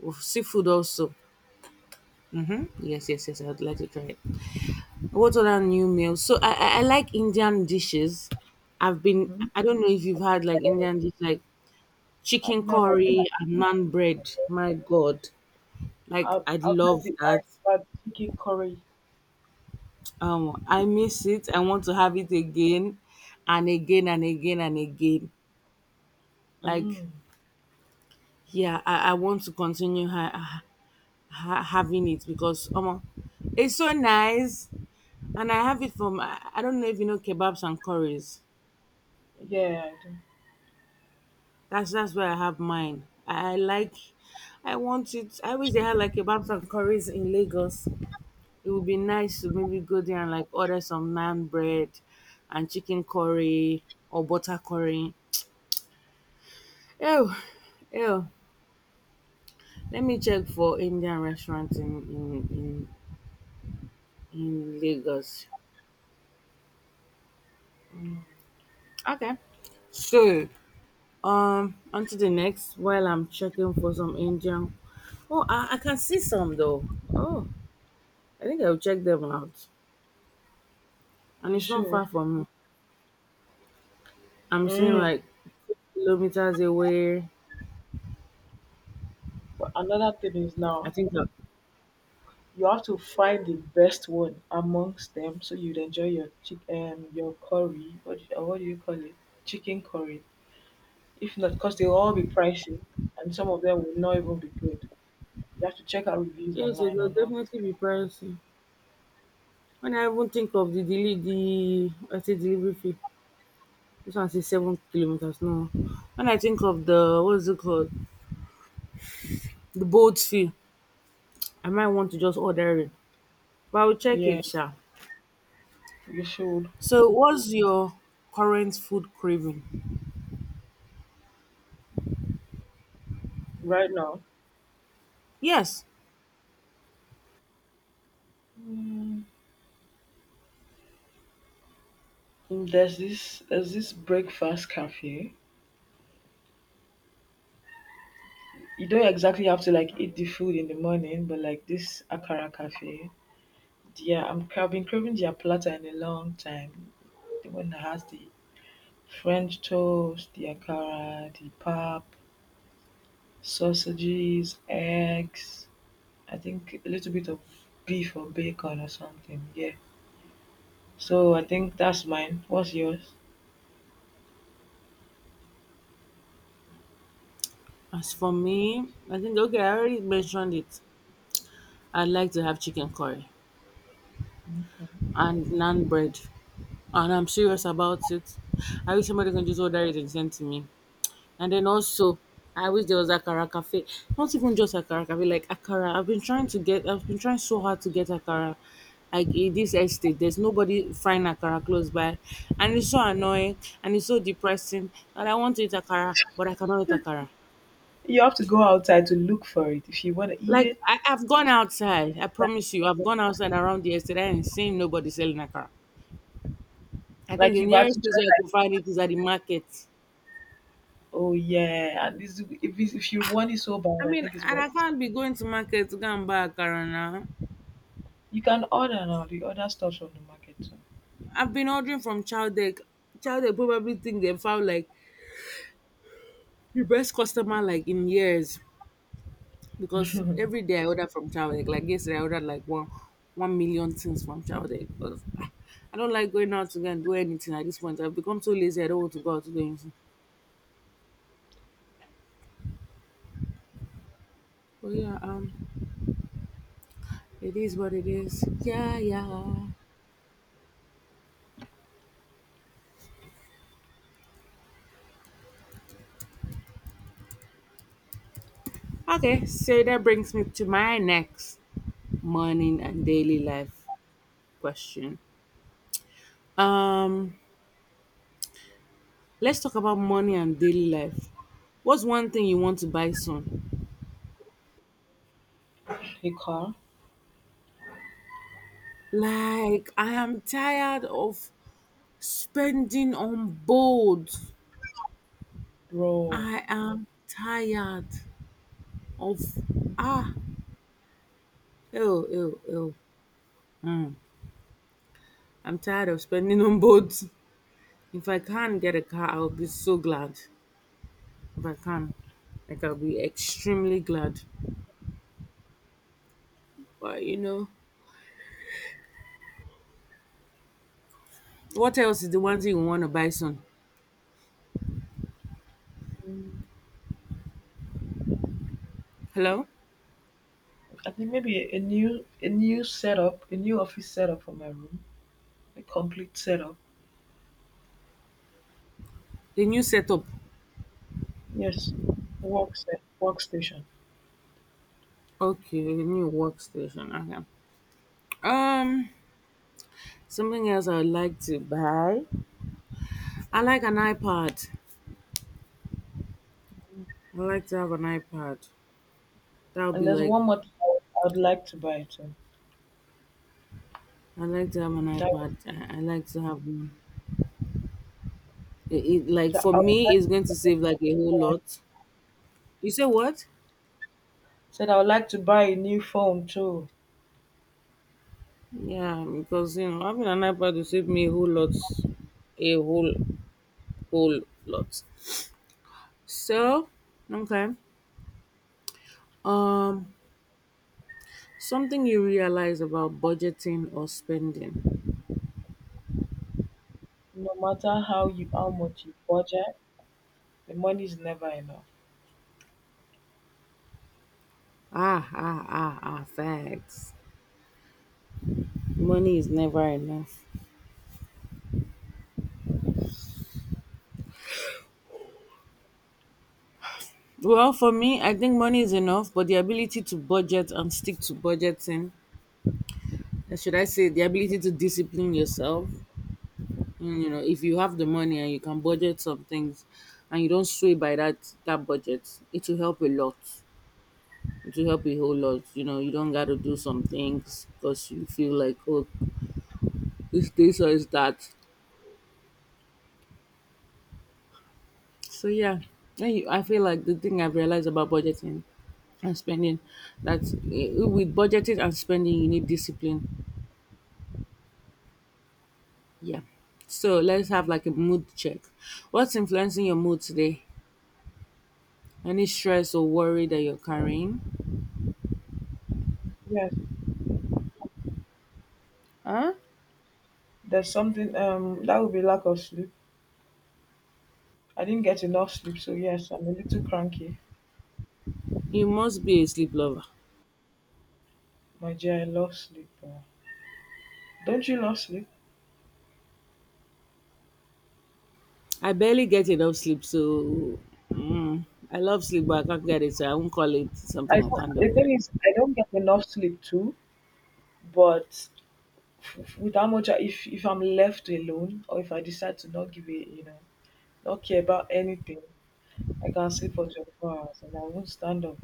Speaker 2: With seafood also. Yes, yes, yes, I would like to try it. What other new meals? So I like Indian dishes. I've been.
Speaker 1: Mm.
Speaker 2: I don't know if you've had like Indian dish like
Speaker 1: I've
Speaker 2: chicken
Speaker 1: not had it before.
Speaker 2: curry and naan bread. My God, like I would
Speaker 1: I've had
Speaker 2: love
Speaker 1: the
Speaker 2: that.
Speaker 1: ice but chicken curry.
Speaker 2: I miss it. I want to have it again, and again and again and again. Like
Speaker 1: Mm.
Speaker 2: yeah, I want to continue. Ha- having it because it's so nice and I have it from I don't know if you know Kebabs and Curries.
Speaker 1: Yeah, I do.
Speaker 2: That's where I have mine. I like, I want it, I wish they had like Kebabs and Curries in Lagos. It would be nice to maybe go there and like order some naan bread and chicken curry or butter curry. Oh, oh, let me check for Indian restaurants in, in in, in Lagos. Okay, so onto the next while I'm checking for some Indian. Oh, I can see some though. Oh, I think I'll check them out. And
Speaker 1: You
Speaker 2: it's not far
Speaker 1: should.
Speaker 2: from me. I'm seeing
Speaker 1: Mm.
Speaker 2: like kilometers away.
Speaker 1: But another thing is
Speaker 2: I
Speaker 1: now
Speaker 2: think that,
Speaker 1: you have to find the best one amongst them so you'd enjoy your chick your curry. What do you call it? Chicken curry. If not, because they will all be pricey and some of them will not even be good. You have to check out reviews
Speaker 2: yes, it
Speaker 1: online
Speaker 2: will
Speaker 1: or not.
Speaker 2: definitely be pricey. When I even think of the the, I say delivery fee, this one says 7 kilometers. No, when I think of the what's it called, the boat fee, I might want to just order it, but I'll check
Speaker 1: Yeah,
Speaker 2: it, sha.
Speaker 1: you should.
Speaker 2: So, what's your current food craving?
Speaker 1: Right now,
Speaker 2: Yes,
Speaker 1: mm, there's this breakfast cafe. You don't exactly have to like eat the food in the morning, but like this Akara cafe. Yeah, I'm I've been craving their platter in a long time. The one that has the French toast, the Akara, the pap, sausages, eggs. I think a little bit of beef or bacon or something. Yeah. So I think that's mine. What's yours?
Speaker 2: as for me, I think, okay, I already mentioned it. I'd like to have chicken curry
Speaker 1: Okay.
Speaker 2: and naan bread, and I'm serious about it. I wish somebody can just order it and send to me. And then also, I wish there was Akara Cafe. Not even just Akara Cafe, like Akara. I've been trying so hard to get Akara. Like in this estate, there's nobody frying Akara close by. And it's so annoying and it's so depressing that I want to eat Akara, but I cannot eat Akara.
Speaker 1: You have to go outside to look for it. If you want to eat
Speaker 2: Like,
Speaker 1: it,
Speaker 2: I've gone outside. I
Speaker 1: that-
Speaker 2: promise you, I've gone outside around the estate and seen nobody selling Akara. I think
Speaker 1: like
Speaker 2: the
Speaker 1: you've had
Speaker 2: nearest
Speaker 1: to try.
Speaker 2: place where I
Speaker 1: Like,
Speaker 2: could find it is at the market.
Speaker 1: oh yeah, and this, if it's, if you want it so
Speaker 2: I
Speaker 1: bad, I
Speaker 2: mean,
Speaker 1: think it's
Speaker 2: and I
Speaker 1: worth.
Speaker 2: can't be
Speaker 1: It.
Speaker 2: going to market to go and buy Akara now.
Speaker 1: You can order now the other stuff from the market too.
Speaker 2: I've been ordering from Chowdeck. Chowdeck probably think they found like the best customer like in years because every day I order from Chowdeck. Like yesterday, I ordered like 1,000,000 things from Chowdeck because ah, I don't like going out to go and do anything at this point. I've become so lazy. I don't want to go out to do anything. But yeah, it is what it is. Yeah, yeah. Okay, so that brings me to my next morning and daily life question. Um, Let's talk about money and daily life. What's one thing you want to buy soon?
Speaker 1: A car,
Speaker 2: Like, I am tired of spending on bold.
Speaker 1: bro.
Speaker 2: I am tired of, ah, ew, ew, ew. Mm. I'm tired of spending on boats. If I can get a car, I'll be so glad. If I can, like I'll be extremely glad. But you know, what else is the one thing you want to buy soon?
Speaker 1: Mm.
Speaker 2: Hello,
Speaker 1: I think maybe a new setup, a new office setup for my room, a complete setup.
Speaker 2: the new setup.
Speaker 1: Yes, work set, workstation.
Speaker 2: Okay, the new workstation. Okay. Um, something else I'd like to buy. I like an iPad. I like to have an iPad. That would
Speaker 1: And
Speaker 2: be
Speaker 1: there's
Speaker 2: like,
Speaker 1: one more thing I would like to buy too.
Speaker 2: I like to have an
Speaker 1: That,
Speaker 2: iPad. I like to have one. It like
Speaker 1: that
Speaker 2: for
Speaker 1: I would
Speaker 2: me,
Speaker 1: like,
Speaker 2: it's going to save like a whole lot. You say what?
Speaker 1: said I would like to buy a new phone too.
Speaker 2: Yeah, because you know having an iPad will save me a whole lot, a whole lot. So okay, um, something you realize about budgeting or spending.
Speaker 1: No matter how you how much you budget, the money is never enough.
Speaker 2: Ah, ah, ah, ah, facts. Money is never enough. Well, for me, I think money is enough, but the ability to budget and stick to budgeting, and should I say, the ability to discipline yourself. Mm, if you have the money and you can budget some things and you don't sway by that budget, it will help a lot. It will help a whole lot. You don't got to do some things because you feel like, oh, it's this or it's that. So yeah, I feel like the thing I've realized about budgeting and spending that with budgeting and spending you need discipline. Yeah. So let's have like a mood check. What's influencing your mood today? Any stress or worry that you're carrying?
Speaker 1: Yes,
Speaker 2: Huh?
Speaker 1: there's something that would be lack of sleep. I didn't get enough sleep, so yes, I'm a little cranky.
Speaker 2: You must be a sleep lover.
Speaker 1: My dear, I love sleep. Don't you love sleep?
Speaker 2: I barely get enough sleep, so mm, I love sleep, but I can't get it. So I won't call it
Speaker 1: I
Speaker 2: something I
Speaker 1: don't,
Speaker 2: can't do
Speaker 1: the
Speaker 2: with it.
Speaker 1: thing is, I don't get enough sleep too, but with how much I, if I'm left alone or if I decide to not give it, you know, not care about anything, I can sleep for 24 hours and I won't stand up.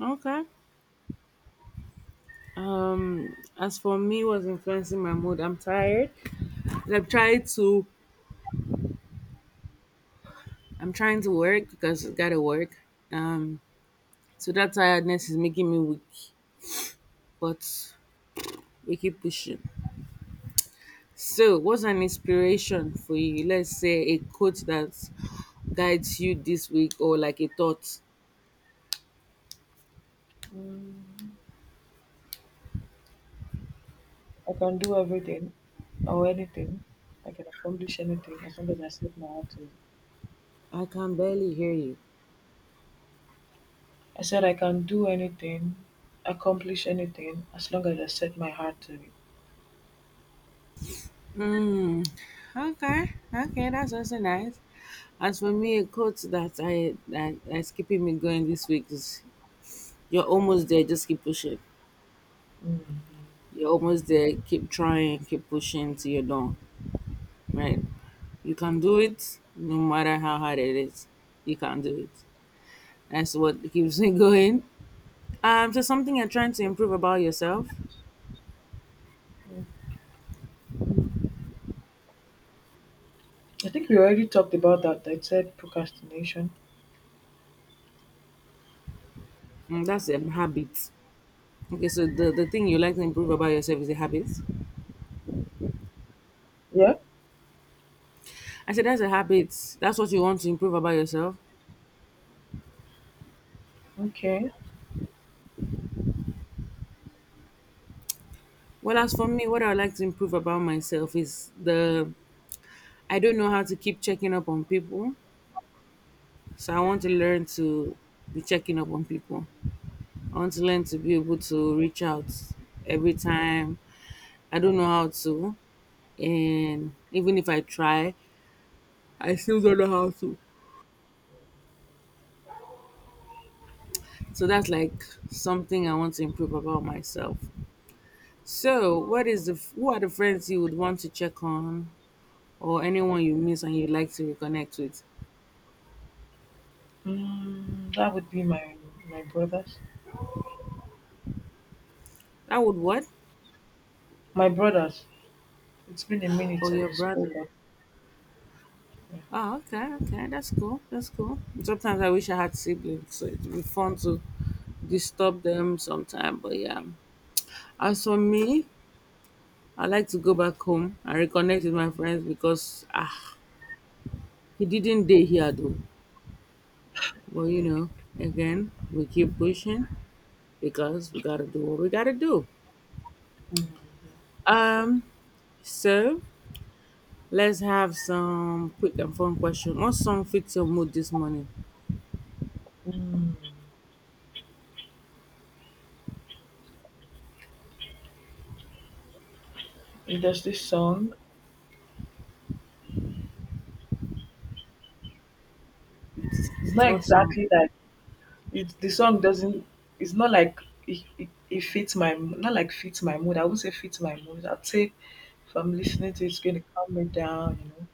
Speaker 2: Okay. As for me, what's influencing my mood? I'm tired. 'Cause I'm trying to work because I gotta work. Um so that tiredness is making me weak, but we keep pushing. So what's an inspiration for you? Let's say a quote that guides you this week or like a thought.
Speaker 1: Mm. I can do everything or anything. I can accomplish anything as long as I set my heart to it.
Speaker 2: I can barely hear you.
Speaker 1: I said I can do anything, accomplish anything as long as I set my heart to it.
Speaker 2: Mm, okay, that's also nice. As for me, a quote that I that that's keeping me going this week is "You're almost there, just keep pushing.
Speaker 1: Mm.
Speaker 2: You're almost there, keep trying, keep pushing till you're done." Right. You can do it no matter how hard it is. You can do it. That's what keeps me going. So something you're trying to improve about yourself.
Speaker 1: Mm. I think we already talked about that. I said procrastination.
Speaker 2: Mm, that's a habit. Okay, so the thing you like to improve about yourself is a habit.
Speaker 1: Yeah.
Speaker 2: I said that's a habit. That's what you want to improve about yourself.
Speaker 1: Okay.
Speaker 2: Well, as for me, what I would like to improve about myself is the I don't know how to keep checking up on people. So I want to learn to be checking up on people. I want to learn to be able to reach out every time I don't know how to. And even if I try, I still don't know how to. So that's like something I want to improve about myself. So, what is the who are the friends you would want to check on or anyone you miss and you'd like to reconnect with?
Speaker 1: That would be my brothers.
Speaker 2: That would what?
Speaker 1: My brothers. It's been a minute
Speaker 2: Oh,
Speaker 1: since
Speaker 2: your
Speaker 1: we spoke.
Speaker 2: brother.
Speaker 1: Of, yeah.
Speaker 2: Oh, okay, that's cool. That's cool. Sometimes I wish I had siblings, so it'd be fun to disturb them sometime. But yeah, as for me, I like to go back home and reconnect with my friends because ah, He didn't dey here though. But you know, again, we keep pushing because we gotta do what we gotta do.
Speaker 1: Mm.
Speaker 2: Um, so let's have some quick and fun question. What song fits your mood this morning?
Speaker 1: Mm. There's this song. It's not
Speaker 2: What song?
Speaker 1: exactly like it's the song doesn't it's not like It, it fits my mood. I would not say fits my mood. I'd say if I'm listening to it, it's gonna calm me down, you know.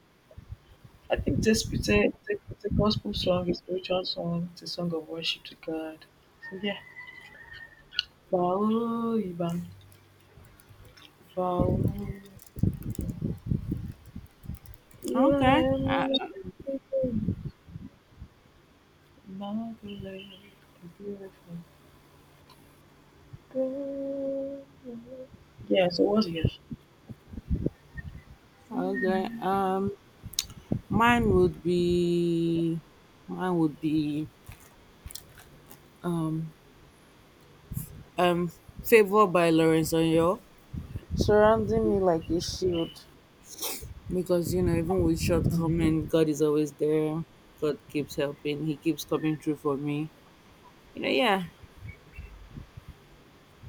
Speaker 1: I think this it's it's a gospel song, it's a spiritual song, it's a song of worship to God. So yeah. Bao, Iban, Bao, Iban. You
Speaker 2: Okay.
Speaker 1: are amazing, marvelous, beautiful. Yeah, so what's yours?
Speaker 2: Okay. Mine would be mine would be um "Favor" by Lawrence O'Yor. Surrounding me like a shield. Because you know, even with
Speaker 1: Mm.
Speaker 2: shortcomings, God is always there. God keeps helping. He keeps coming through for me. You know, yeah.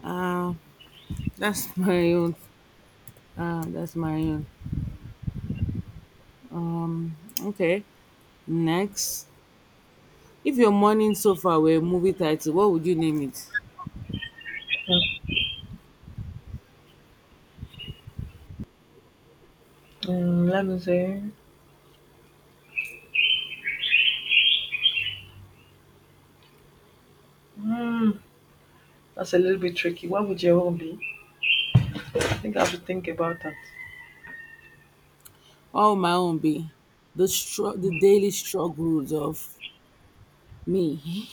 Speaker 2: Uh, that's my own. That's my own. Okay. Next, if your morning sofa were a movie title, what would you name it?
Speaker 1: Let me see. Hmm, that's a little bit tricky. What would your own be? I think I have to think about that.
Speaker 2: What would my own be? The daily struggles of me.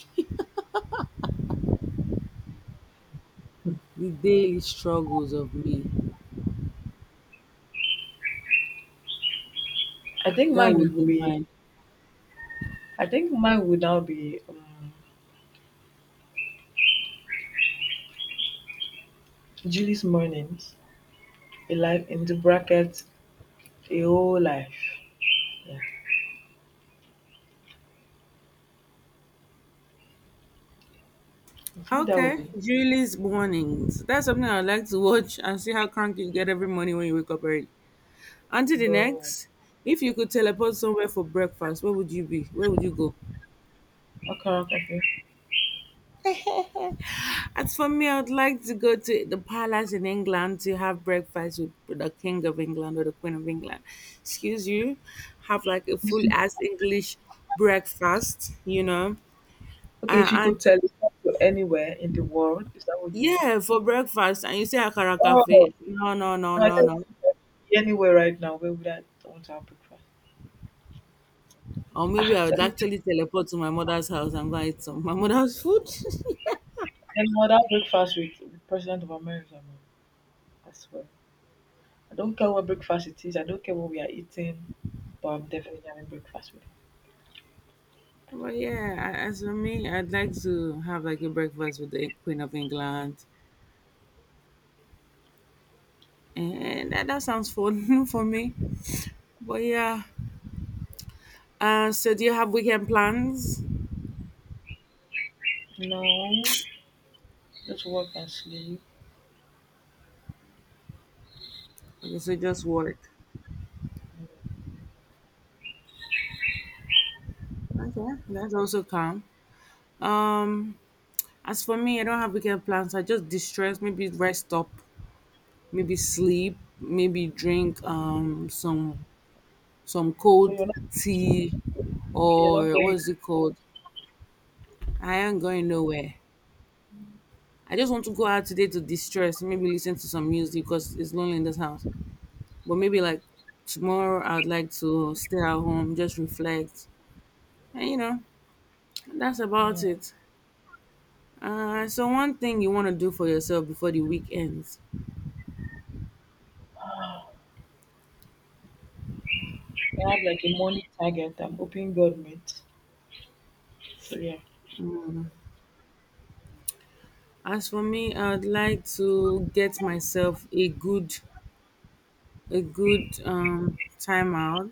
Speaker 2: the daily struggles of me.
Speaker 1: I think
Speaker 2: That would
Speaker 1: mine
Speaker 2: be
Speaker 1: would be.
Speaker 2: mine.
Speaker 1: I think mine would now be Julie's mornings, a life in the bracket, a whole life. Yeah, I think that would
Speaker 2: Okay,
Speaker 1: be,
Speaker 2: Julie's Mornings. That's something I'd like to watch and see how cranky you get every morning when you wake up early. Until the
Speaker 1: bro.
Speaker 2: next, if you could teleport somewhere for breakfast, where would you be? Where would you go?
Speaker 1: Okay, okay.
Speaker 2: As for me, I'd like to go to the palace in England to have breakfast with the King of England or the Queen of England. Excuse you, have like a full
Speaker 1: Okay,
Speaker 2: ass English breakfast, you know?
Speaker 1: Okay,
Speaker 2: Uh,
Speaker 1: if you
Speaker 2: and
Speaker 1: could teleport to anywhere in the world, is that what you mean?
Speaker 2: yeah, for breakfast. And you say Akara
Speaker 1: Oh, no,
Speaker 2: Cafe. No, no, no,
Speaker 1: I
Speaker 2: no,
Speaker 1: think
Speaker 2: no.
Speaker 1: anywhere right now. Where would I want to have breakfast?
Speaker 2: Or maybe
Speaker 1: Ah,
Speaker 2: I would
Speaker 1: teleport.
Speaker 2: actually teleport to my mother's house and go and eat some my mother's food.
Speaker 1: Any other breakfast with the president of America, man. I swear. I don't care what breakfast it is. I don't care what we are eating, but I'm definitely having breakfast with
Speaker 2: But yeah, as for me, I'd like to have like a breakfast with the Queen of England. And that sounds fun for me. But yeah. So do you have weekend plans?
Speaker 1: him. No, just work and sleep.
Speaker 2: Okay, so just work. Okay, that's also calm. Um, as for me, I don't have weekend plans. I just distress, maybe rest up, maybe sleep, maybe drink some
Speaker 1: So
Speaker 2: cold
Speaker 1: you're not,
Speaker 2: tea,
Speaker 1: you're not
Speaker 2: or what
Speaker 1: going.
Speaker 2: is it called? I am going nowhere. I just want to go out today to distress, maybe listen to some music because it's lonely in this house. But maybe like tomorrow I would like to stay at home, just reflect. And you know, that's about
Speaker 1: Yeah.
Speaker 2: it. So one thing you want to do for yourself before the week ends.
Speaker 1: I have like a money target. I'm hoping God meets. So yeah.
Speaker 2: As for me, I would like to get myself a good time out.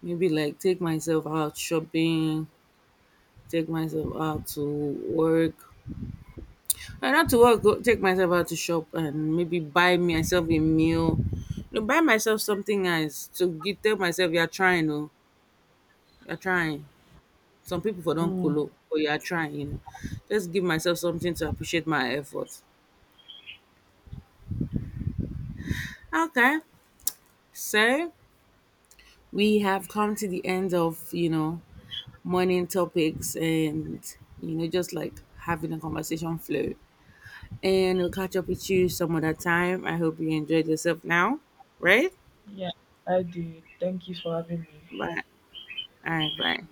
Speaker 2: Maybe like take myself out shopping, take myself out to work and not to work, go take myself out to shop and maybe buy myself a meal, you buy myself something nice to give, tell myself you're trying, oh you're trying, some people for don't
Speaker 1: Mm,
Speaker 2: kolo, but you're trying, you know, just give myself something to appreciate my effort. Okay, so we have come to the end of, you know, morning topics and, you know, just like having a conversation flow, and we'll catch up with you some other time. I hope you enjoyed yourself now, right?
Speaker 1: yeah. I did. Thank you for having me.
Speaker 2: Bye. All right, bye.